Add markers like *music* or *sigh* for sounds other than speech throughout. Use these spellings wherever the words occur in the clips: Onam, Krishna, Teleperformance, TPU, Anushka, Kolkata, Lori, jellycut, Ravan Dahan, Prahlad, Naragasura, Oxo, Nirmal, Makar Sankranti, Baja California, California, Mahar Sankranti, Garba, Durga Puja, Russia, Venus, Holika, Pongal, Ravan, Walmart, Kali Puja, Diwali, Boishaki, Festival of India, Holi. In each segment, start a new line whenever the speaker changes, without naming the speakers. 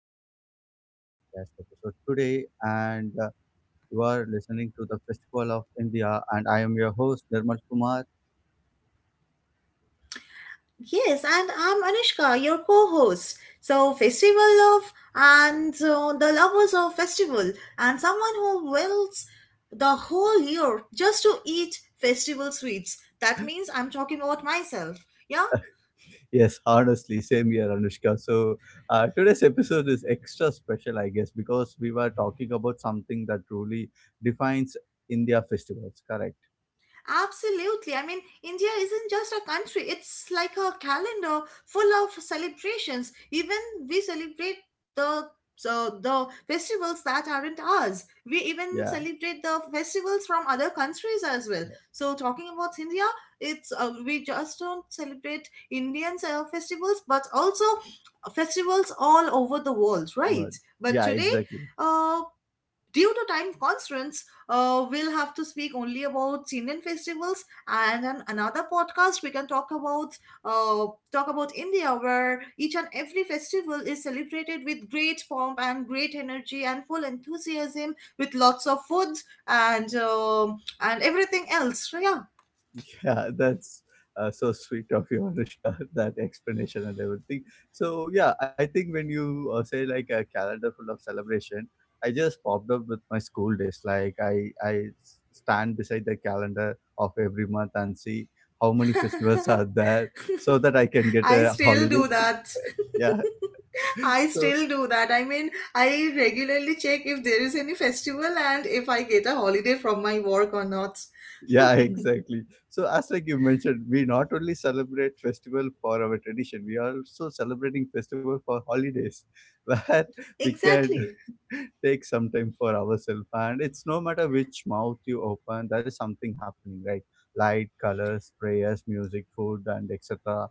to our interesting podcast episode today. And You are listening to the Festival of India, and I am your host Nirmal Kumar.
Yes, and I'm Anushka, your co host. So, Festival Love and the lovers of festival, and someone who wills the whole year just to eat festival sweets. That means I'm talking about myself. Yeah,
Yes, honestly, same here, Anushka. So today's episode is extra special, I guess, because we were talking about something that truly defines India festivals. Correct?
absolutely. I mean, India isn't just a country, it's like a calendar full of celebrations. Even we celebrate the festivals that aren't ours. We even
Yeah.
celebrate the festivals from other countries as well.
Yeah.
So talking about India, it's we just don't celebrate Indian festivals, but also festivals all over the world,
Word.
right?
Yeah,
But today,
exactly.
uh, due to time constraints, we'll have to speak only about Indian festivals, and on another podcast we can talk about uh, India, where each and every festival is celebrated with great pomp and great energy and full enthusiasm, with lots of foods and everything else. So, yeah.
Yeah, that's So sweet of you, Anushka, *laughs* that explanation and everything. So, yeah, I think when you say like a calendar full of celebration, I just popped up with my school days. Like, I stand beside the calendar of every month and see how many festivals are
*laughs*
there so that I can get
I
a
still do
holiday.
that.
*laughs* Yeah.
I
So.
still do that. I mean, I regularly check if there is any festival and if I get a holiday from my work or not.
Yeah, *laughs* exactly, so as like you mentioned, we not only celebrate festival for our tradition, we are also celebrating festival for holidays, *laughs* where we can
Exactly.
*laughs* take some time for ourselves, and it's no matter which mouth you open, there is something happening, right? Light, colors, prayers, music, food, and etc.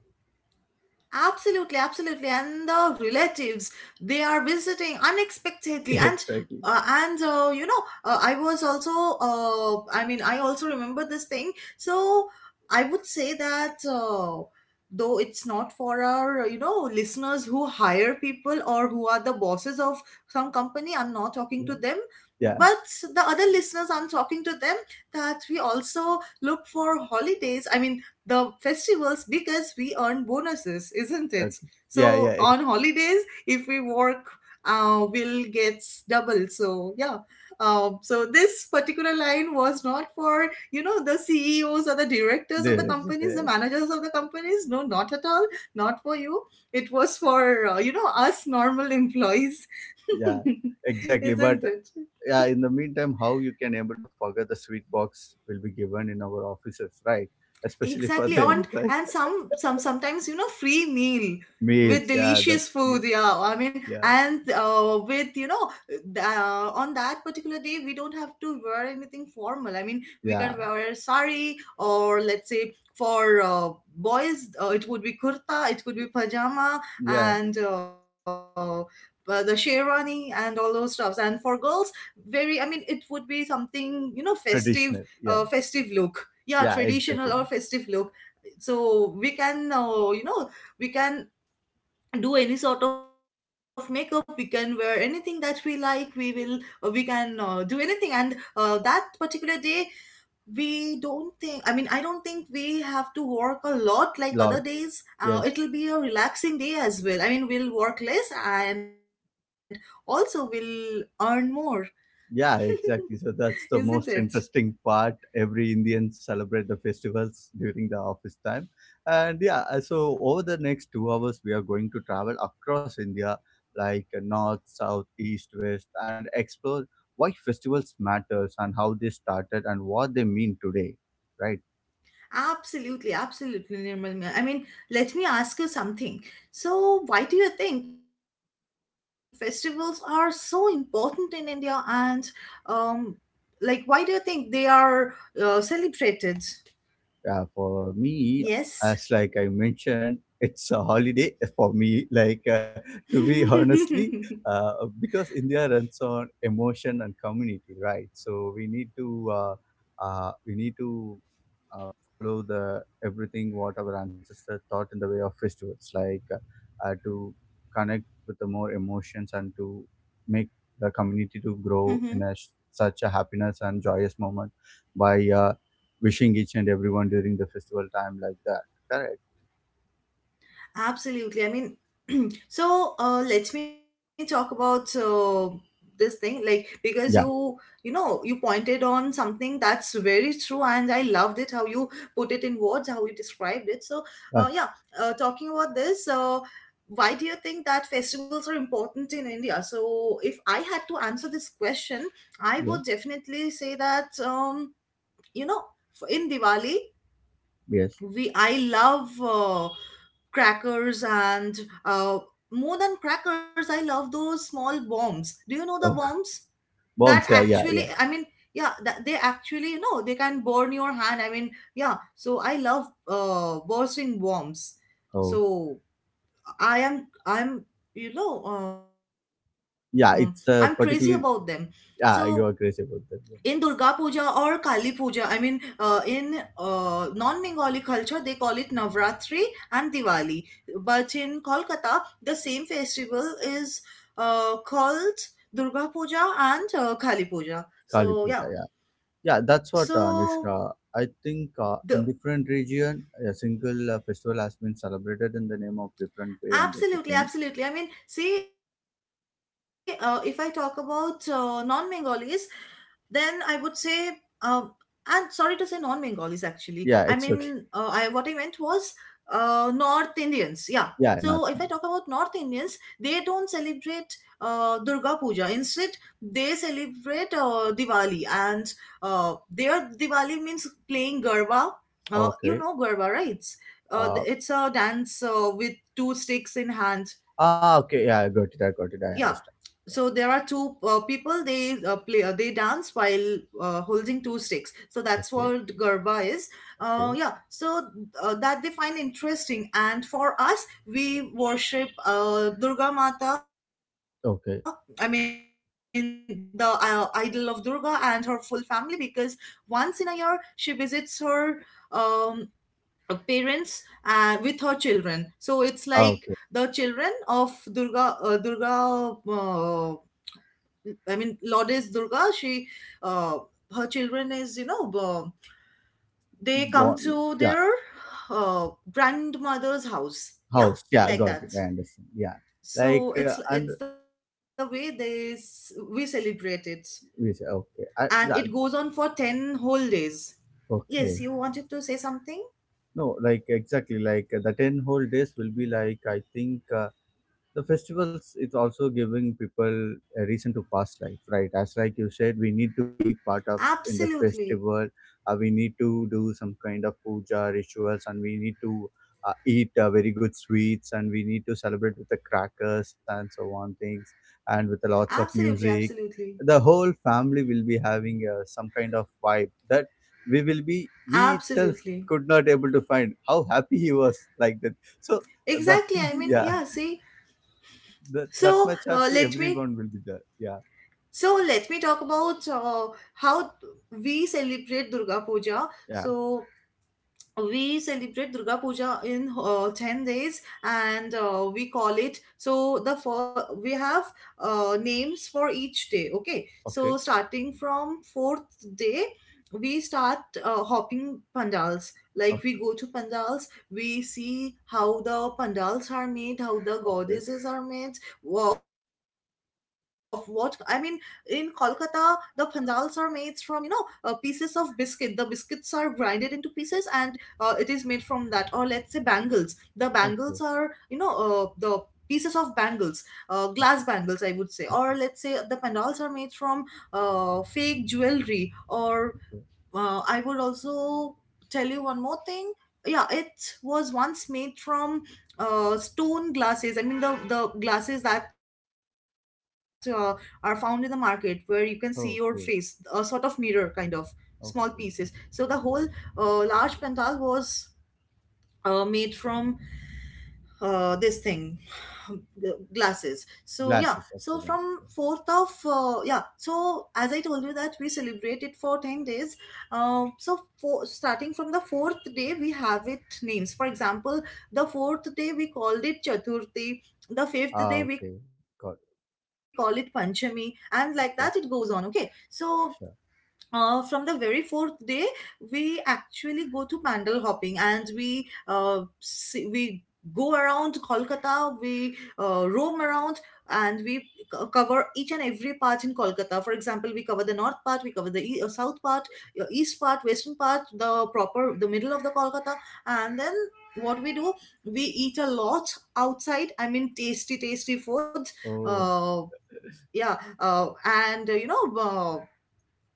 Absolutely, absolutely. And the relatives, they are visiting
*laughs*
unexpectedly.
Exactly.
And You know, I was also I mean, I also remember this thing. So I would say that though it's not for, our you know, listeners who hire people or who are the bosses of some company, I'm not talking to
Yeah,
them.
yeah,
But the other listeners, I'm talking to them that we also look for holidays. I mean, the festivals, because we earn bonuses, isn't it?
okay. Yeah,
So
yeah, ex-
on holidays, if we work, we'll get double. So yeah. So this particular line was not for, you know, the CEOs or the directors of the
this *laughs* is
companies, the
a-
managers of the companies. No, not at all. Not for you. It was for, you know, us normal employees,
yeah,
*laughs*
exactly, but
isn't it?
yeah, in the meantime, how you can able to forget the sweet box will be given in our offices, right? Especially for
Exactly.
the
on
employees.
and some some sometimes you know, free meal
*laughs*
with
Meals, yeah,
delicious
that's yeah,
food. Yeah, I mean,
yeah,
and with you know on that particular day we don't have to wear anything formal. I mean, we
yeah,
can wear sari, or let's say for boys it would be kurta, it could be pajama,
yeah,
and the sherwani and all those stuffs, and for girls very I mean it would be something, you know, festive.
traditional,
Festive
yeah,
look yeah
yeah,
Traditional or
exactly,
festive look. So we can, you know, we can do any sort of makeup, we can wear anything that we like, we will we can do anything. And that particular day we don't think, I mean, I don't think we have to work a lot like other days.
lot,
It'll be a
yes.
relaxing day as well. I mean, we'll work less and also we'll earn more. *laughs*
Yeah,
Isn't
exactly.
it?
So that's the most interesting part. Every Indian celebrate the festivals during the office time. And so over the next 2 hours, we are going to travel across India, like north, south, east, west, and explore why festivals matters and how they started and what they mean today. Right.
Absolutely, absolutely, Nirmal. I mean, let me ask you something. So, why do you think festivals are so important in India, and um, like, why do you think they are celebrated?
Yeah, for me,
Yes.
as like I mentioned, it's a holiday *laughs* for me. To be *laughs*
*laughs*
honestly, uh, because India runs on emotion and community, right? So we need to follow the everything what our ancestors taught in the way of festivals, like to connect with the more emotions and to make the community to grow
Mhm.
in a, s- such a happiness and joyous moment by. Wishing each and everyone during the festival time like that. Correct.
Absolutely. I mean, *clears throat* so let me talk about this thing, like, because you
Yeah.
you know you pointed on something that's very true, and I loved it how you put it in words, how you described it. So
Uh,
yeah, talking about this. Why do you think that festivals are important in India? So, if I had to answer this question, I
yeah.
would definitely say that you know, in Diwali
Yes.
we, I love crackers, and uh, more than crackers, I love those small bombs. Do you know the
Oh,
bombs
*laughs*
that
bombs. Yeah. Yeah.
actually?
Yeah.
I mean, yeah, that they actually, you know, they can burn your hand. I mean, yeah. So I love bursting bombs.
Oh,
So I'm you know, I'm crazy about
yeah.
them.
It's
So
particularly. Yeah, you are
in
crazy about
Durga
that. Yeah.
Puja or Kali Puja, I mean, in non Bengali culture, they call it Navratri and Diwali. But in Kolkata, the same festival is called Durga Puja and Kali Puja. So,
Kali
yeah.
Puja. Yeah. Yeah. That's what,
So,
Anushka. I think in
the
different region, a single festival has been celebrated in the name of different way and
Absolutely,
everything.
absolutely. I mean, see, if I talk about non Bengalis, then I would say, um, and sorry to say, non-Bengalis actually. I mean,
Yeah.
I
It's
what I
okay.
meant was North Indians. Yeah. So if I talk
Yeah.
about North
Nothing.
Indians, they don't celebrate Durga Puja. Instead, they celebrate Diwali, and their Diwali means playing Garba. You know
Okay.
Garba, right?
Uh.
It's a dance with two sticks in hand.
Ah. Okay. Yeah. I got it. I got it.
Yeah,
I understand.
so
Yeah.
there are two people, they play they dance while holding two sticks. So that's
Okay.
what Garba is.
Okay.
Yeah. So that they find interesting, and for us, we worship Durga Mata. I mean the
Okay.
idol of Durga and her full family, because once in a year she visits her um, parents, and with her children. So it's like the children
Okay.
of Durga. I mean, Lourdes Durga, she, uh, her children is, you know, they come
Born.
to their
Yeah.
uh, grandmother's house. Yeah,
House. Yeah,
like
got it.
that.
I understand. Yeah. Like,
So it's
and
it's the way they we celebrate it,
we say, okay.
and it
I,
goes
that,
on for 10 whole days. Yes, you
okay.
wanted to say something?
No, like, exactly. Like, the 10 whole days will be like, I think. The festivals is also giving people a reason to pass life, right? As like you said, we need to be part of
Absolutely,
in the festival, we need to do some kind of puja rituals, and we need to eat very good sweets, and we need to celebrate with the crackers and so on things, and with the lots of
absolutely,
music,
absolutely,
the whole family will be having some kind of vibe that we will be we itself
absolutely.
could not able to find how happy he was like that, so that.
Exactly.
*laughs*
I mean,
Yeah,
yeah. See,
that that
so
much happy, everyone will be there. Yeah.
Let me talk about how we celebrate Durga Puja.
Yeah.
So we celebrate Durga Puja in 10 days, and we call it, so the for we have names for each day. Okay, so
Okay.
starting from fourth day we start hopping pandals, like, we
Okay.
go to pandals, we see how the pandals are made, how the
Okay.
goddesses are made of. What I mean, in Kolkata, the pandals are made from, you know, pieces of biscuit. The biscuits are grinded into pieces, and it is made from that. Or let's say bangles. The bangles are,
Okay.
you know, the pieces of bangles, glass
Okay.
bangles, I would say. Or let's say the pandals are made from fake jewelry. Or
Okay. Okay.
I would also tell you one more thing. Yeah, it was once made from stone glasses, I mean, the glasses that are found in the market where you can see your face, a sort of
Okay.
mirror kind of small pieces. So the
Okay.
whole large pendal was made from this thing, *sighs* glasses. So yeah, so
Glasses.
from
Okay then. Okay.
4th of yeah, so as I told you that we celebrate it for 10 days. So for, starting from the fourth day, we have it names. For example, the fourth day we called it chaturthi, the fifth
Ah,
day we
okay.
call it
Got it.
panchami, and like that it goes on. Okay,
Okay.
so
Sure.
from the very fourth day, we actually go to pandal hopping, and we we go around Kolkata, we roam around, and we cover each and every part in Kolkata. For example, we cover the north part, we cover the south part, east part, western part, the proper, the middle of the Kolkata, and then what we do, we eat a lot outside. I mean, tasty, tasty foods.
Oh,
Uh, yeah, and You know. Uh,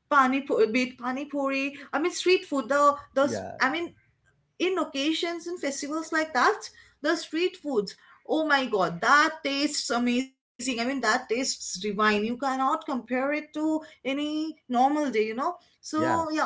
pani pu- Be it pani puri. I mean, street food. The
*laughs*
those.
yeah.
I mean, in occasions and festivals like that, the street foods. Oh my god, that tastes amazing. I mean, that tastes divine. You cannot compare it to any normal day, you know. So
Yeah.
yeah,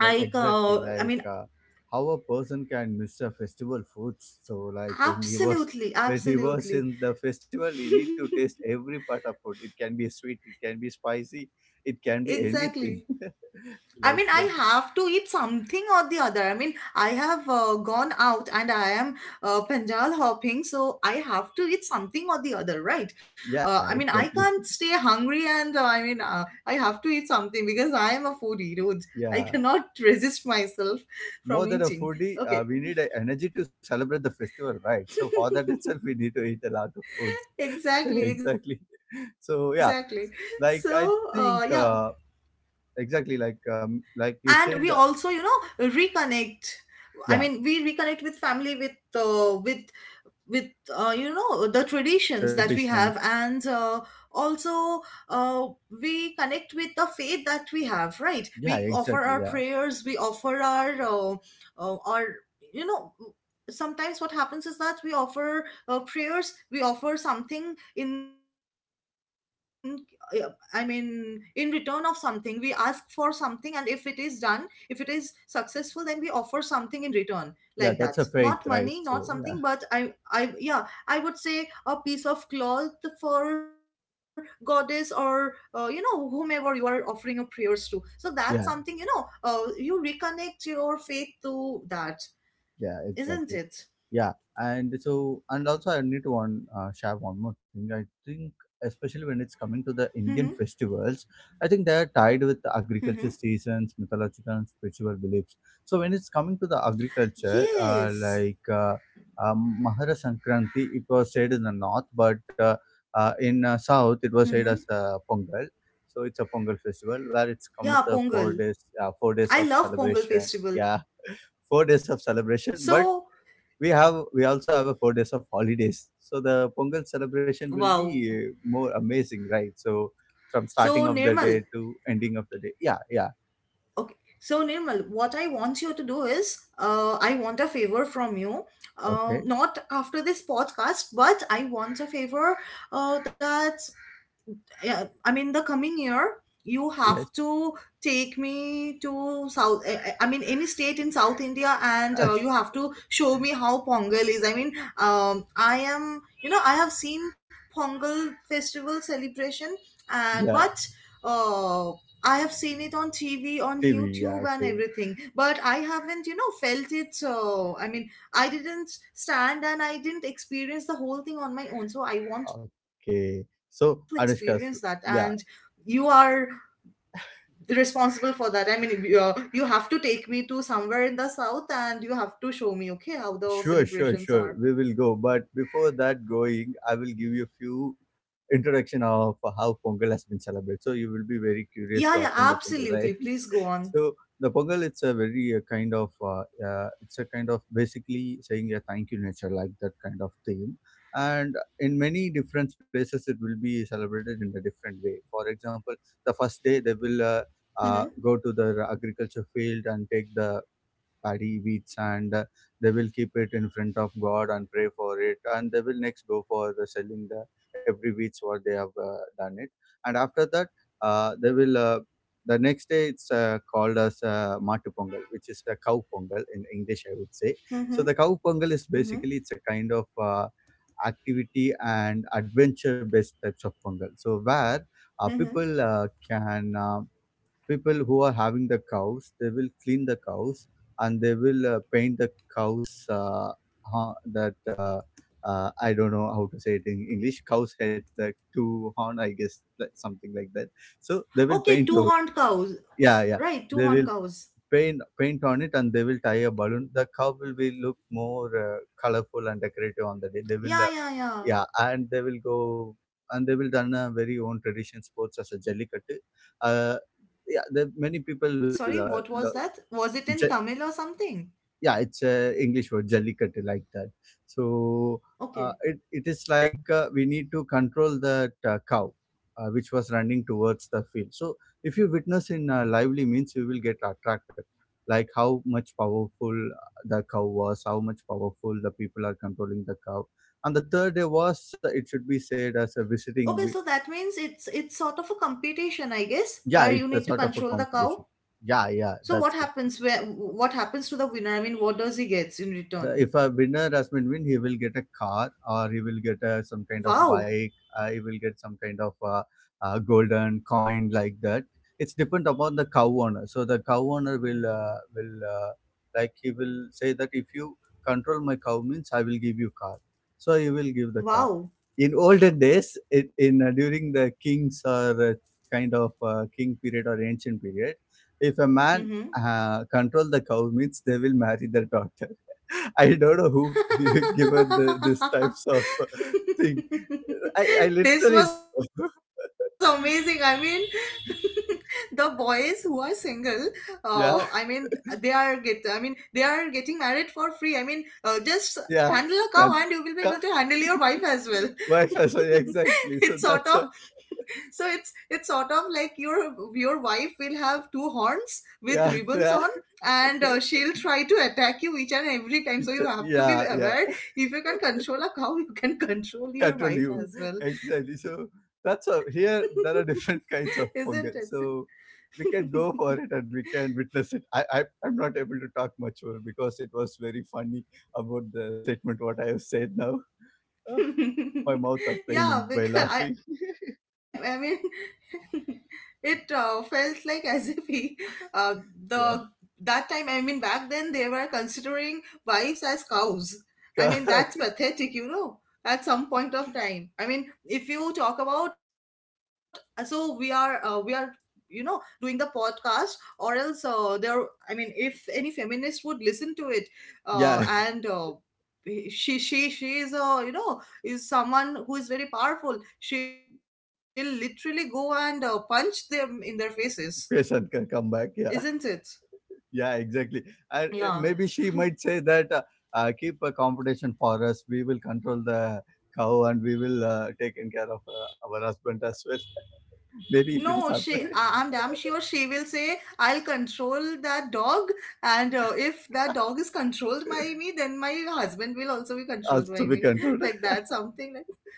Like exactly.
I mean,
How a person can miss a festival foods. So like when he was
absolutely,
*laughs* when he was
absolutely,
in the festival, he need to taste
*laughs*
every part of food. It can be sweet. It can be spicy. It can be
exactly.
anything *laughs*
I
like
mean, I
that.
have to eat something or the other. I mean, I have gone out and I am Panjal hopping, so I have to eat something or the other, right?
Yeah,
I mean, I
exactly. *laughs*
can't stay hungry, and I have to eat something because I am a foodie, dude. I
Yeah.
cannot *laughs* resist myself from
More than a
eating.
foodie,
Okay.
we need a energy to celebrate the festival, right? So for that *laughs*
*laughs*
itself, we need to eat a lot of foods. *laughs*
Exactly,
Exactly.
exactly. So,
So yeah,
yeah.
like I think exactly
And we also,
like
you
you said,
know, reconnect, I mean, we reconnect
yeah,
with family, with uh, with with you know, the traditions that we have, and
traditions.
also uh, we connect with the faith that we have, right? We offer
Yeah,
our
exactly. Yeah,
prayers, we offer our our, you know, sometimes what happens is that we offer prayers, we offer something in uh, I mean, in return of something we ask for something, and if it is done, if it is successful, then we offer something in return, like that. Not
yeah,
money,
that's a
not
faith,
something,
right?
but
So
i
yeah,
I yeah, I would say a piece of cloth for goddess, or you know, whomever you are offering your prayers to. So that's something, you know.
yeah.
You reconnect your faith to that, isn't
Yeah,
it?
exactly. Yeah, and so and also I need to one share one more thing. I think
Mm-hmm.
especially when it's coming to the Indian festivals, I think they are tied
Mm-hmm.
with the agriculture seasons, mythological and spiritual beliefs. So when it's coming to the agriculture,
Yes.
Mahara Sankranti, it was said in the north, but uh, uh,
Mm-hmm.
in uh, south it was said as Pongal. So it's a Pongal
Yeah,
festival where it's
Pongal.
come with the 4 days,
I love
4 days
Pongal
of
festival.
celebration. Yeah, 4 days of celebration,
So
but we also have a 4 days of holidays. So the Pongal celebration will be
wow.
more amazing, right? So from
So
starting of the
Nirmal.
day to ending of the day. Yeah, yeah.
Okay. So, Nirmal, what I want you to do is, I want a favor from you.
Okay.
Not after this podcast, but I want a favor that yeah, I mean, the coming year, you have
Yes.
to take me to South, I mean, any state in South India, and you
*laughs*
have to show me how Pongal is. I mean, I am, I have seen Pongal festival celebration, but
Yeah.
uh, I have seen it on TV, on
TV. Yeah.
YouTube, and
Okay.
everything, but I haven't, felt it. So, I mean, I didn't stand and I didn't experience the whole thing on my own. So, I want to experience that.
Okay.
And
So
you
Anushka. So-
are
Yeah.
responsible for that. I mean, you have to take me to somewhere in the south and you have to show me, okay, how the
Sure.
celebrations are.
Sure. Sure. We will go. But before that going, I will give you a few introduction of how Pongal has been celebrated. So you will be
Yeah, yeah,
very curious to
absolutely.
attend the
Please
Pongal,
go
right?
on.
*laughs* So the Pongal, it's a very it's a kind of basically saying a thank you nature, like that kind of theme. And in many different places, it will be celebrated in a different way. For example, the first day they
Mm-hmm,
will go to the agriculture field and take the paddy wheats and they will keep it in front of God and pray for it, and they will next go for the selling the every wheats what they have done it, and after that they will, the next day it's called as matu pongal, which is a cow pongal in English I would say.
mm-hmm,
So the cow pongal is
mm-hmm,
basically it's a kind of uh, activity and adventure based types of pongal, so where uh,
mm-hmm.
people uh, can uh, people who are having the cows, they will clean the cows and they will paint the cows ho- that I don't know how to say it in English, cow's head, the two horn I guess, like something like that. So they
Okay,
will
two
paint over.
horned cows.
Yeah, yeah.
Right, two
They
horned
will
cows.
paint on it, and they will tie a balloon, the cow will be look more colorful and decorative on the day they will
Yeah,
uh,
yeah, yeah.
yeah, and they will go, and they will done a very own tradition sports as a jellycut. Uh, yeah, the, many
Sorry,
people
what was
will
that?
lo-
Was it in Tamil or something?
yeah, it's a english word jellicut like that. So
Okay.
it, it is like we need to control that cow which was running towards the field, so if you witness in lively means, you will get attracted, like how much powerful the cow was, how much powerful the people are controlling the cow, and the third day was it should be said as a
Okay, so
visiting we-
that means it's sort of a competition, I guess, where you
yeah,
need to
it's a sort
control
of
the
a
cow.
competition, yeah, yeah,
So
that's it.
what happens to the winner? I mean, what does he gets in
The,
return?
if a winner has been win, he will get a car, or he will get a, some kind of
Wow.
bike, he will get some kind of golden coin like that. It's depend upon the cow owner, so the cow owner will, like he will say that if you control my cow means I will give you car, so he will give the car.
Wow.
In olden days it, in during the kings or kind of king period or ancient period, if a man
Mm-hmm.
control the cow means they will marry the *laughs* daughter. I don't know who gi- *laughs* given the, this types of thing. I
*laughs* This
literally
was
don't know.
amazing.
*laughs*
I mean, *laughs* the boys who are single, I mean,
Yeah,
they are get. I mean, they are getting married for free. I mean, just handle a cow
yeah,
and you will be
can't,
able to handle
yeah.
your wife as well.
*laughs* Wi-Fi sorry
*laughs* It's
exactly
sort
so
of
that's what
so it's sort of like your wife will have two horns with
yeah,
ribbons on,
yeah
and she'll try to attack you each and every time,
*laughs*
so you
it's a-
have to be
yeah, yeah,
aware. If you can control a cow, *laughs* you can control your
control
wife
you
as
*laughs*
well.
exactly so that's a, here
*laughs*
there are
Isn't
different *laughs* kinds of fungal, so
it? *laughs*
we can go for it and we can witness it, I I'm not able to talk much more because it was very funny about the statement what I have said now. *laughs* My mouth are
*laughs*
paining
Yeah,
by
because
laughing.
*laughs* it felt like as *laughs* if he, uh, the that
Yeah.
time, I mean, back then they were considering wives as cows. I mean, that's
*laughs*
pathetic,
Okay.
you know. At some point of time, I mean, if you talk about so we are you know doing the podcast, or else there, I mean, if any feminist would listen to it and
Yeah,
she is a, you know, is someone who is very powerful. She'll literally go and punch them in their faces,
*laughs* patient can come
isn't
back,
it?
yeah, yeah, exactly.
Yeah.
And maybe she might say that keep a competition for us, we will control the cow, and we will take in care of our husband as well.
No, she.
Maybe if it
I'm
has
damn
happened,
sure she
*laughs*
will say, "I'll control that dog, and if that dog is controlled by me, then my husband will also be controlled by me."
also be
*laughs* Like
controlled.
that,
*laughs*
something like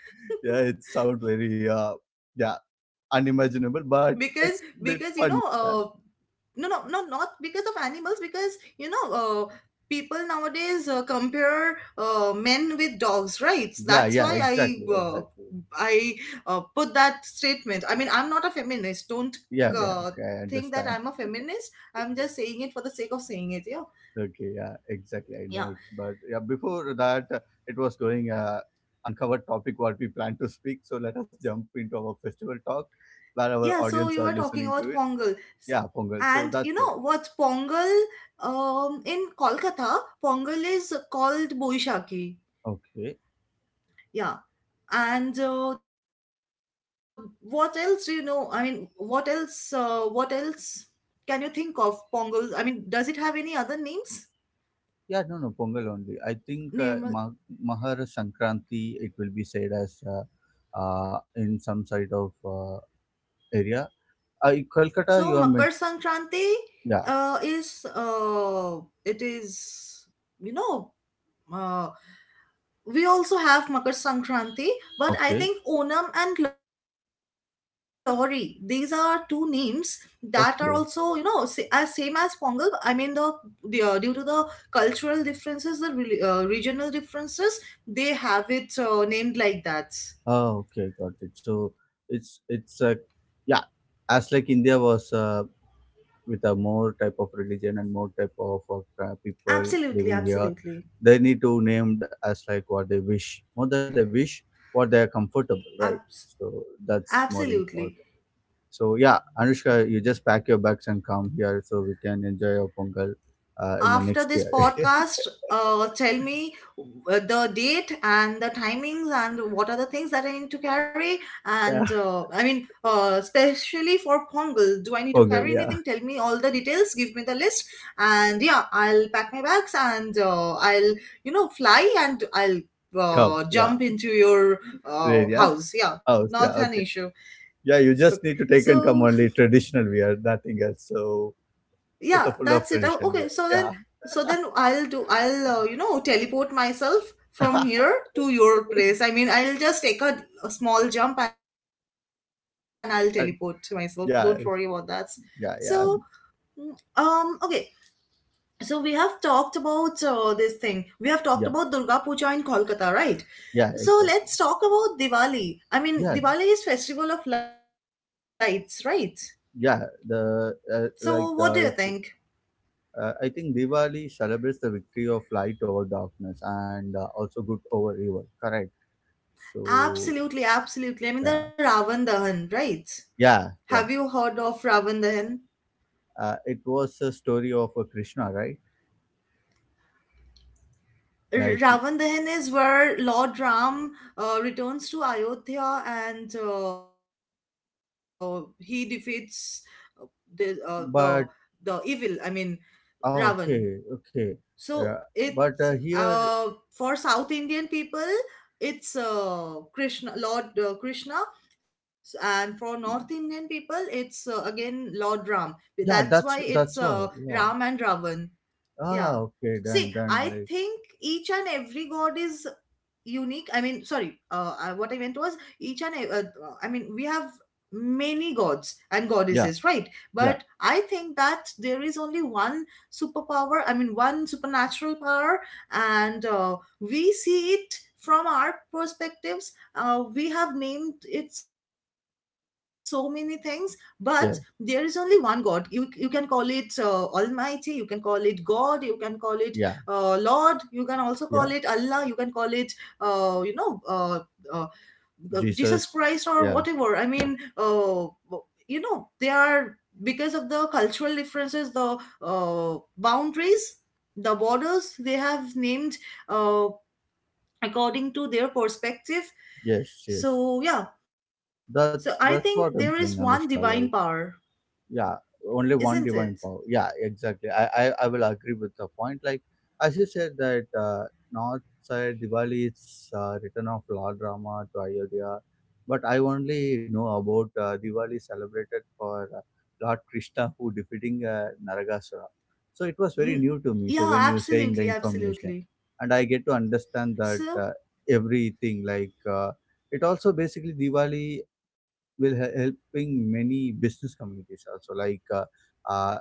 *laughs*
Yeah, it sounds very, yeah,
because because
unimaginable,
you know,
but it's a bit funny.
no,
Yeah,
no, no, not because of animals, because you know, uh, people nowadays compare men with dogs, right? that's why
yeah, yeah,
i uh,
exactly, exactly.
i uh, put that statement. I mean, I'm not a feminist, don't
Yeah, yeah.
uh,
Okay, I
think that
understand.
I'm a feminist. I'm just saying it for the sake of saying it. Yeah,
Okay, yeah, exactly. I know it,
yeah.
but yeah, before that, it was going uncovered topic what we plan to speak. So let us jump into our festival talk, where our
Yeah, so
audience
you were
are
talking
listening to
about
it.
Pongal. S-
Yeah, Pongal. So
and you
that's it.
know what Pongal, in Kolkata, Pongal is called Boishaki.
Okay.
Yeah. And what else do you know? I mean, what else can you think of Pongal? I mean, does it have any other names?
Yeah, no, no, Pongal only. I
Normal.
think uh, Ma- Mahar Sankranti, it will be said as in some side of area. In Kolkata,
So
you are
Makar
mentioned.
Sankranti
Yeah,
is it is you know, uh, we also have Makar Sankranti, but I
okay,
think Onam and Lori, these are two names that are also, you know, as same
okay.
as Pongal. I mean, the due to the cultural differences, the regional differences, they have it named like that.
Oh, okay, got it. So it's yeah, as like India was with a more type of religion and more type of
Absolutely,
people living
absolutely.
here, they need to named as like what they wish. More than they wish, what they are comfortable, right?
Abs-
So that's more
Absolutely.
important. So yeah, Anushka, you just pack your bags and come here so we can enjoy your Pongal in the
After
next
this
year.
podcast, tell me the date and the timings and what are the things that I need to carry,
*laughs* Yeah,
and I mean, especially for Pongal, do I need to
Pongal,
carry
yeah.
anything? Tell me all the details, give me the list. And yeah, I'll pack my bags and I'll, you know, fly and I'll
Come, yeah.
jump into your
Rain, yeah.
house. Yeah,
House,
not
yeah,
an
okay.
issue.
Yeah, you
Okay,
just need to take and
so
come only traditional wear, nothing else. So with
yeah,
a full of
that's it. Oh,
tradition
okay,
wear. Yeah.
so then I'll do I'll you know, teleport myself from
*laughs*
here to your place. I mean, I'll just take a small jump and I'll teleport to myself, don't worry
And
about that.
yeah,
So
yeah, yeah,
okay, so we have talked about Durga
yeah,
Puja in Kolkata, right? So
yeah,
let's talk
exactly.
about Diwali. I mean, Diwali
Yeah,
is festival of lights, right?
yeah.
So
The
what do you think?
it's. I think Diwali celebrates the victory of light over darkness and also good over evil. Correct. So
Absolutely, absolutely. I mean, the
yeah,
Ravan Dahan, right?
yeah,
Have
yeah.
you heard of Ravan Dahan?
It was a story of a Krishna, right? Like,
Ravan Dahan is where Lord Ram returns to Ayodhya and he defeats uh, the uh, the the evil.
but
I mean, Ravan.
oh, okay,
So
okay. Uh,
it's
but here,
for South Indian people, it's Krishna, and for North Indian people, it's again Lord Ram. That's why
yeah,
it's
that's
Ram
all.
and
Yeah.
Ravan. Yeah.
Ah,
See,
okay, done,
I
done.
think
Like,
each and every god is unique. I mean, sorry, what I meant was each and ev- I mean, we have many gods and
yeah,
goddesses, right?
yeah,
But I think that there is only one superpower. I mean, one supernatural power. And we see it from our perspectives. We have named it so many things, but there is only one
yeah,
god. You can call it almighty, you can call it god, you can call it
yeah,
lord, you can also call it Allah,
yeah.
you can call it uh, you know uh, uh, Jesus Christ,
Jesus,
or
yeah,
whatever. I mean, you know, they are, because of the cultural differences, the boundaries, the borders, they have named uh, according to their perspective.
yes, yes.
So yeah, so I think there
That's
is
what I'm
one
saying,
divine
Anushka.
power,
Like. Yeah, only
isn't
one
it?
divine power, yeah, exactly. I will agree with the point, like as you said that north side Diwali is return of Lord Rama to Ayodhya, but I only know about Diwali celebrated for Lord Krishna who defeating Naragasura. So it
N-
was very new to
yeah,
me. So when you
absolutely,
saying the
absolutely.
information and I get to understand that
So
everything, like it also basically Diwali will helping many business communities also, like uh,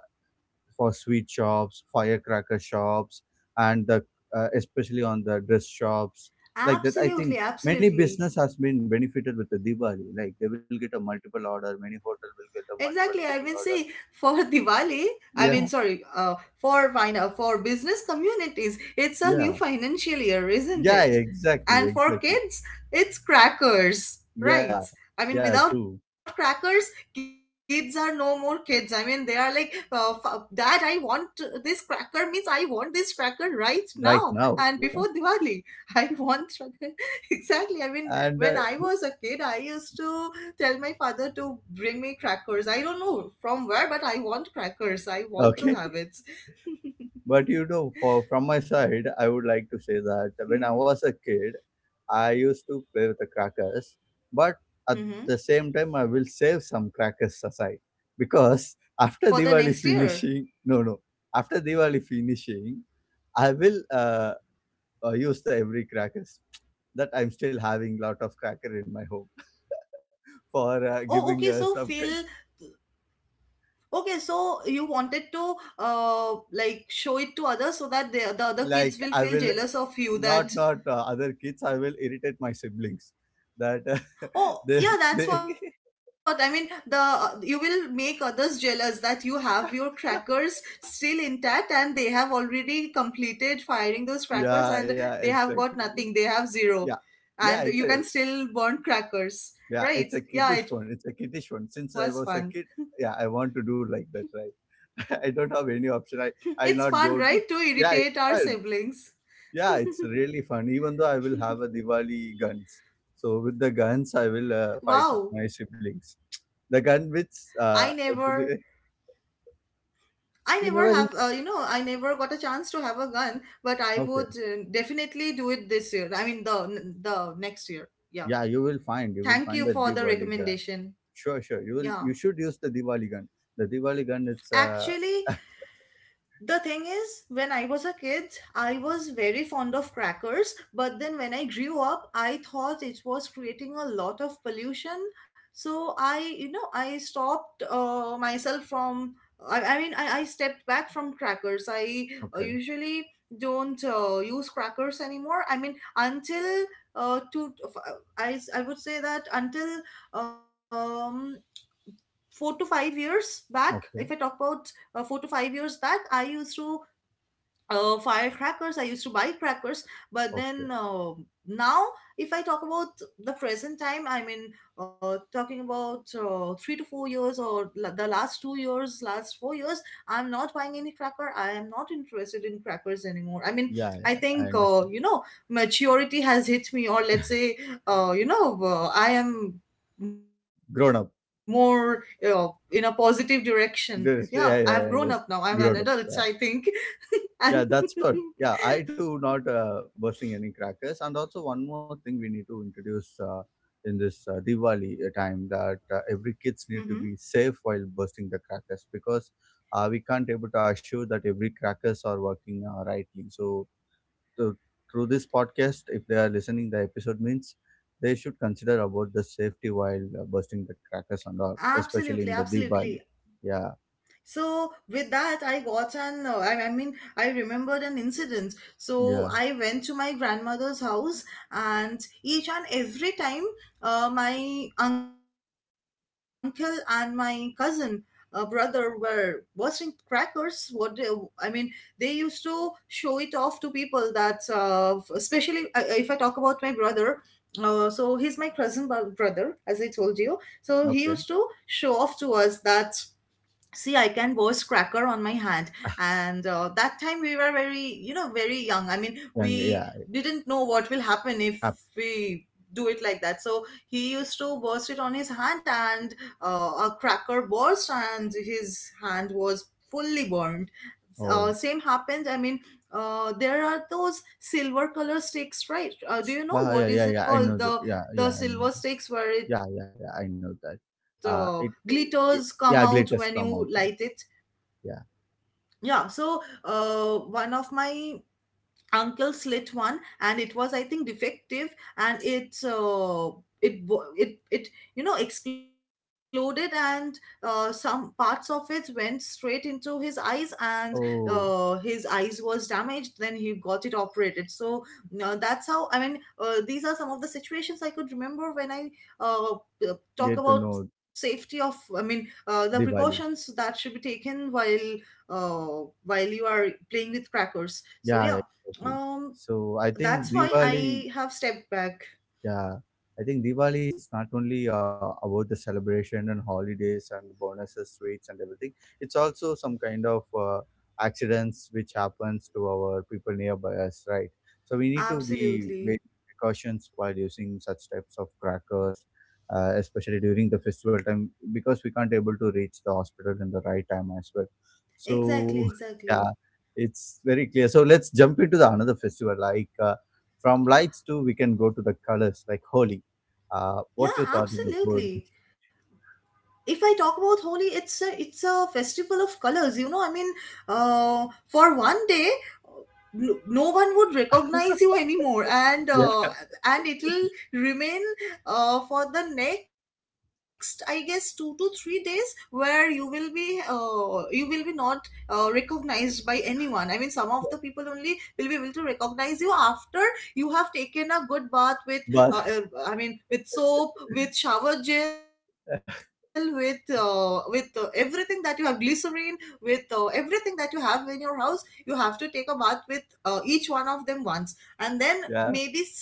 for sweet shops, firecracker shops, and the especially on the dress shops, like that, I think
absolutely,
many business
absolutely.
has been benefited with the Diwali, like they will get a multiple order, many
Exactly.
hotel
I
will
mean,
get a
see,
multiple
for
booking
*laughs*
order.
Diwali, I mean, sorry,
Yeah,
for business communities, it's a new
yeah,
financial year, isn't it?
yeah,
And for
exactly,
kids,
exactly.
it's crackers, right?
Yeah,
I mean, without
yeah
crackers,
too.
kids are no more kids. I mean, they are like, Dad, I want to- this cracker means I want this cracker right now and before
Right now,
Diwali.
yeah.
*laughs* I want. *laughs* Exactly. I mean, when I
And
was a kid, I used to tell my father to bring me crackers. I don't know from where, but I want crackers. I want to have
okay.
it.
But you know, for from my side, I would like to say that when I was a
Hmm.
kid, I used to play with the crackers, but at the same time,
Hmm.
I will save some crackers aside because *laughs* after Diwali
For the next
finishing,
year.
no, no, after Diwali finishing, I will use the every crackers that I'm still having lot of cracker in my home *laughs* for
Oh,
giving
okay. So
some
Phil,
kind.
okay. So you wanted to like show it to others so that the other kids
Like
will
I
feel
will
jealous of you that
not other kids, I will irritate my siblings, that
Oh,
*laughs* they
yeah, that's
they
what I mean. The you will make others jealous that you have your crackers
*laughs*
still intact and they have already completed firing those crackers and they
yeah,
have
yeah,
got nothing. They
exactly.
have zero.
Yeah,
And you can
yeah,
still
exactly.
burn crackers. Right.
Yeah, it's
Yeah,
a
it was
kiddish one,
fun.
it's a kiddish one. Since I was a kid, yeah, I want to do like that, right? *laughs* i don't have any
It's
option i
fun, right,
i
to
not go
irritate
to.
our
Yeah, it's
siblings.
fun. Yeah, it's really fun. Even though I will have a Diwali guns, so with the guns I will
Wow.
fight with my siblings, the gun which
I
uh,
never
*laughs*
I
you
never
never.
have, you know, I never got a chance to have a gun, but I
Okay.
would definitely do it this year. I mean, the next year. Yeah.
Yeah, you will find, you will
Thank
find
you
the
for the
Diwali gun.
recommendation.
Sure, sure. You will,
Yeah.
you should use the Diwali gun. The Diwali gun, it's uh,
Actually, the thing is when I was a kid, I was very fond of crackers, but then when I grew up, I thought it was creating a lot of pollution. So I, you know, I stopped myself from I mean, I stepped back from crackers. I
okay,
usually don't use crackers anymore. I mean, until two I would say that until um, 4 to 5 years back. If I talk
okay,
about 4 to 5 years back, I used to firecrackers. I used to buy crackers, but then
okay.
now, if I talk about the present time, I mean, talking about 3 to 4 years, or the last 2 years, last 4 years, I'm not buying any cracker. I am not interested in crackers anymore. I mean,
Yeah,
I
yeah,
think
I understand.
you know, maturity has hit me, or let's say, you know, I am more
Grown up. *laughs*
in a positive direction. Yeah, I have grown up now.
Yes.
I'm
Yeah,
an
yeah, I
adult, I
understand.
think. *laughs*
Grown up. Yeah.
And *laughs*
Yeah, that's what. Yeah, I do not bursting any crackers. And also one more thing we need to introduce in this Diwali time, that every kids need
mm-hmm.
to be safe while bursting the crackers, because we can't able to assure that every crackers are working rightly. So to- through this podcast, if they are listening the episode, means they should consider about the safety while bursting the crackers and all, especially
Absolutely,
in the
absolutely.
Diwali. Yeah,
So with that, I got an I mean, I remembered an incident. So
yeah,
I went to my grandmother's house, and each and every time, my uncle and my cousin, brother were bursting crackers. What they, I mean, they used to show it off to people that, especially if I talk about my brother. So he's my cousin brother, as I told you. So he used to
okay,
show off to us that see, I can burst cracker on my hand and that time we were very very young. I mean,
yeah,
we
yeah.
didn't know what will happen if
Yeah.
we do it like that. So he used to burst it on his hand and a cracker burst and his hand was fully burned.
Oh,
Same happened. I mean, there are those silver color sticks, right? Do you know
ah,
what
yeah,
is
yeah,
it
yeah. I
called?
know that.
the
Yeah,
the
yeah, I know.
silver
That.
sticks where it
Yeah, yeah, yeah. I know that.
glitters come
Uh,
out
it, it,
when
it
you light
yeah,
it.
glitters come out. Yeah. Yeah.
Yeah, so one of my uncle slit one and it was, I think, defective and it wo- it you know exploded, and some parts of it went straight into his eyes, and his
Oh,
eyes was damaged. Then he got it operated. So that's how, I mean, these are some of the situations I could remember when I uh, uh, talk
get to
about
know
safety of, I mean, the precautions that
Diwali.
should be taken while you are playing with crackers. So yeah,
Yeah, exactly.
um,
So I
that's
think
why I
Diwali,
have stepped back.
yeah, I think Diwali is not only about the celebration and holidays and bonuses, sweets and everything. It's also some kind of accidents which happens to our people nearby us, right? So we need to be very
Absolutely.
precautions while using such types of crackers, especially during the festival time, because we can't able to reach the hospital in the right time as well. So
Exactly,
*laughs* yeah,
exactly.
it's very clear. So let's jump into the another festival, like. From lights too, we can go to the colors like Holi. What you
Yeah,
thought about Holi?
absolutely. If I talk about Holi, it's a festival of colors, you know. I mean, uh, for one day, no one would recognize you anymore,
*laughs* Yeah,
and it'll remain for the next, I guess, 2 to 3 days, where you will be not recognized by anyone. I mean, some of the people only will be able to recognize you after you have taken a good bath with uh, uh,
but
I mean, with soap, with shower gel, with everything that you have, glycerine, with everything that you have in your house. You have to take a bath with each one of them once, and then maybe some
yeah,
of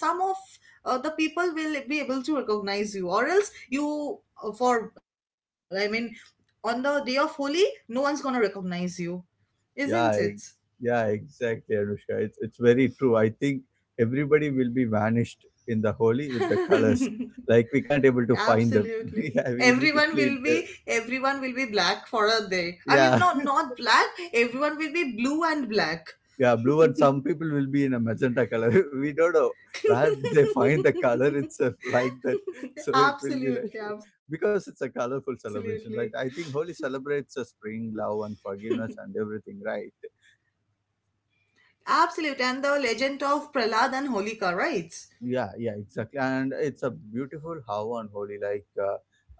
the people will be able to recognize you, or else you. For, on the day of Holi, no one's gonna recognize you, isn't it?
yeah, e- yeah, exactly, Anushka. It's very true. I think everybody will be vanished in the Holi with the colors.
*laughs*
Like we can't able to find them.
Absolutely.
*laughs* Yeah, we need to clean. Uh,
Everyone will be black for a day. I mean,
yeah.
no, not black, everyone will be blue and black.
Yeah, blue and
*laughs*
some people will be in a magenta color. *laughs* We don't know where they find the color itself *laughs* like that. So it will be like
absolutely,
*laughs* because
absolutely.
it's a colorful celebration, right? I think Holi celebrates the spring, love,
*laughs*
and forgiveness and everything, right?
Absolute, and the legend of Prahlad and Holika, right?
Yeah, yeah, exactly. And it's a beautiful how on Holi, uh,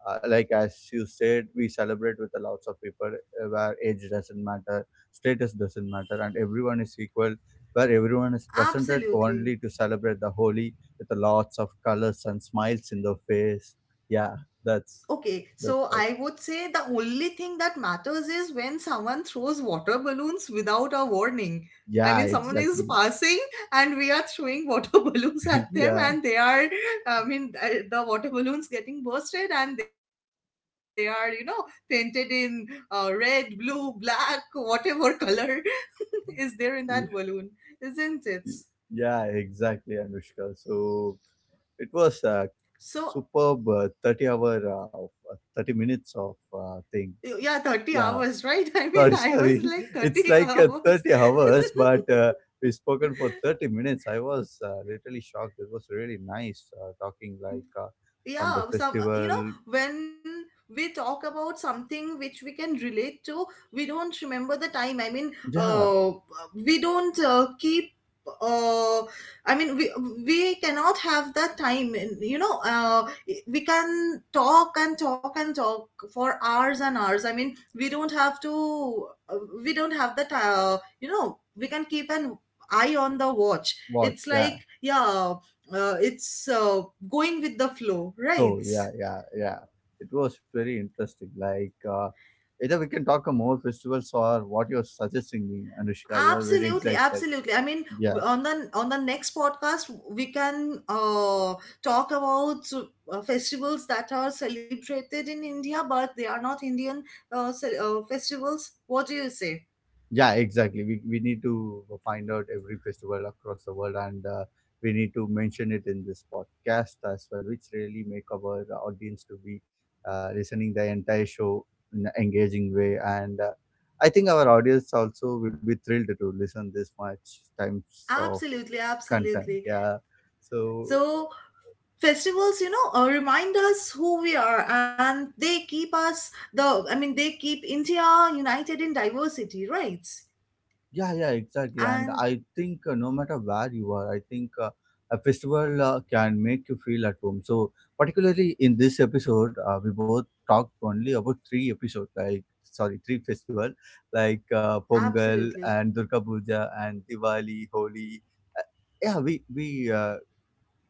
uh, like as you said, we celebrate with a lots of people where age doesn't matter, status doesn't matter, and everyone is equal. Where everyone is presented
Absolutely.
only to celebrate the Holi with a lots of colors and smiles in the face. Yeah, that's
Okay,
that's
so
what.
I would say the only thing that matters is when someone throws water balloons without a warning. I
Yeah,
mean, someone is
exactly.
passing and we are throwing water *laughs* balloons at
*laughs*
them,
Yeah,
and they are, I mean, the water balloons getting bursted and they are, you know, painted in red, blue, black, whatever color *laughs* is there in that balloon,
y-
isn't it?
y- yeah, exactly, Anushka. So it was a
So,
superb 30 hour, 30 minutes of thing.
yeah, 30
Yeah,
hours, right? *laughs* I mean,
sorry,
I was
sorry.
like
*laughs* It's
30
like
hours.
30 hours, but we spoken for 30 minutes. I was literally shocked. It was really nice talking
*laughs*
like from the
yeah, some, you
festival.
know, when we talk about something which we can relate to, we don't remember the time. i mean
Yeah,
uh, we don't keep uh, i mean we we cannot have that time, and you know, we can talk and talk and talk for hours and hours. I mean, we don't have to uh, we don't have that, you know, we can keep an eye on the watch.
watch.
It's
Yeah,
like, yeah, it's going with the flow, right?
flow. Yeah, yeah, yeah. It was very interesting. Like, either we can talk on more festivals or what you're suggesting me, Anushka. You are very
Absolutely,
excited.
absolutely. I mean,
Yeah.
on the next podcast we can talk about festivals that are celebrated in india but they are not indian festivals. What do you say?
Yeah, exactly. We need to find out every festival across the world and we need to mention it in this podcast as well, which really make our audience to be listening the entire show in an engaging way. And I think our audience also will be thrilled to listen this much times of
Absolutely,
content.
absolutely.
Yeah. So
So festivals, you know, remind us who we are, and they keep us, they keep india united in diversity, right?
yeah, yeah, exactly. And
And
I think no matter where you are, I think a festival can make you feel at home. So, particularly in this episode, we both talked only about three episodes, like sorry, three festival, like Pongal
absolutely,
and Durga Puja and Diwali, Holi. Yeah, we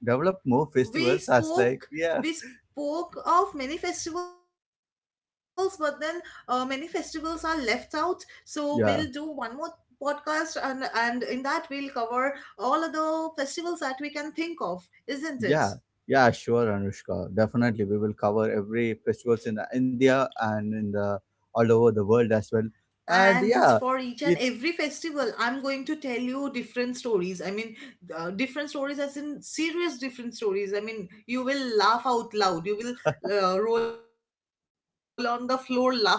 developed more
we
festivals as like
spoke
yeah,
we spoke of many festivals, but then many festivals are left out. So we'll do one more
yeah.
podcast, and in that we'll cover all of the festivals that we can think of, isn't it?
Yeah, yeah, sure, Anushka. Definitely, we will cover every festivals in India and in the all over the world as well. And
And
yeah,
for each and
it
every festival, I'm going to tell you different stories. I mean, different stories, as in serious different stories. I mean, you will laugh out loud, you will roll on the floor laughing, seriously.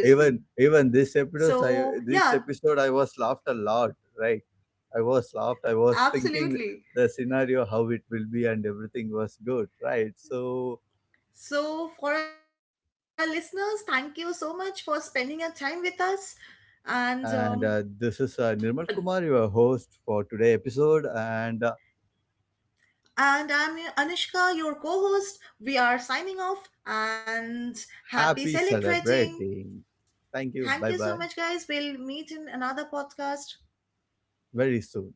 even even
So yeah.
this episode, I was laughed a lot. Right, I was laughed. I was
Absolutely.
thinking the scenario how it will be, and everything was good. Right, so.
So, for our listeners, thank you so much for spending your time with us. And um,
And this is Nirmal Kumar, your host for today episode, and
and I'm Anushka, your co-host. We are signing off and happy
happy
celebrating.
celebrating. Thank you.
Thank you
Bye
so
bye.
much, guys. We'll meet in another podcast.
Very soon.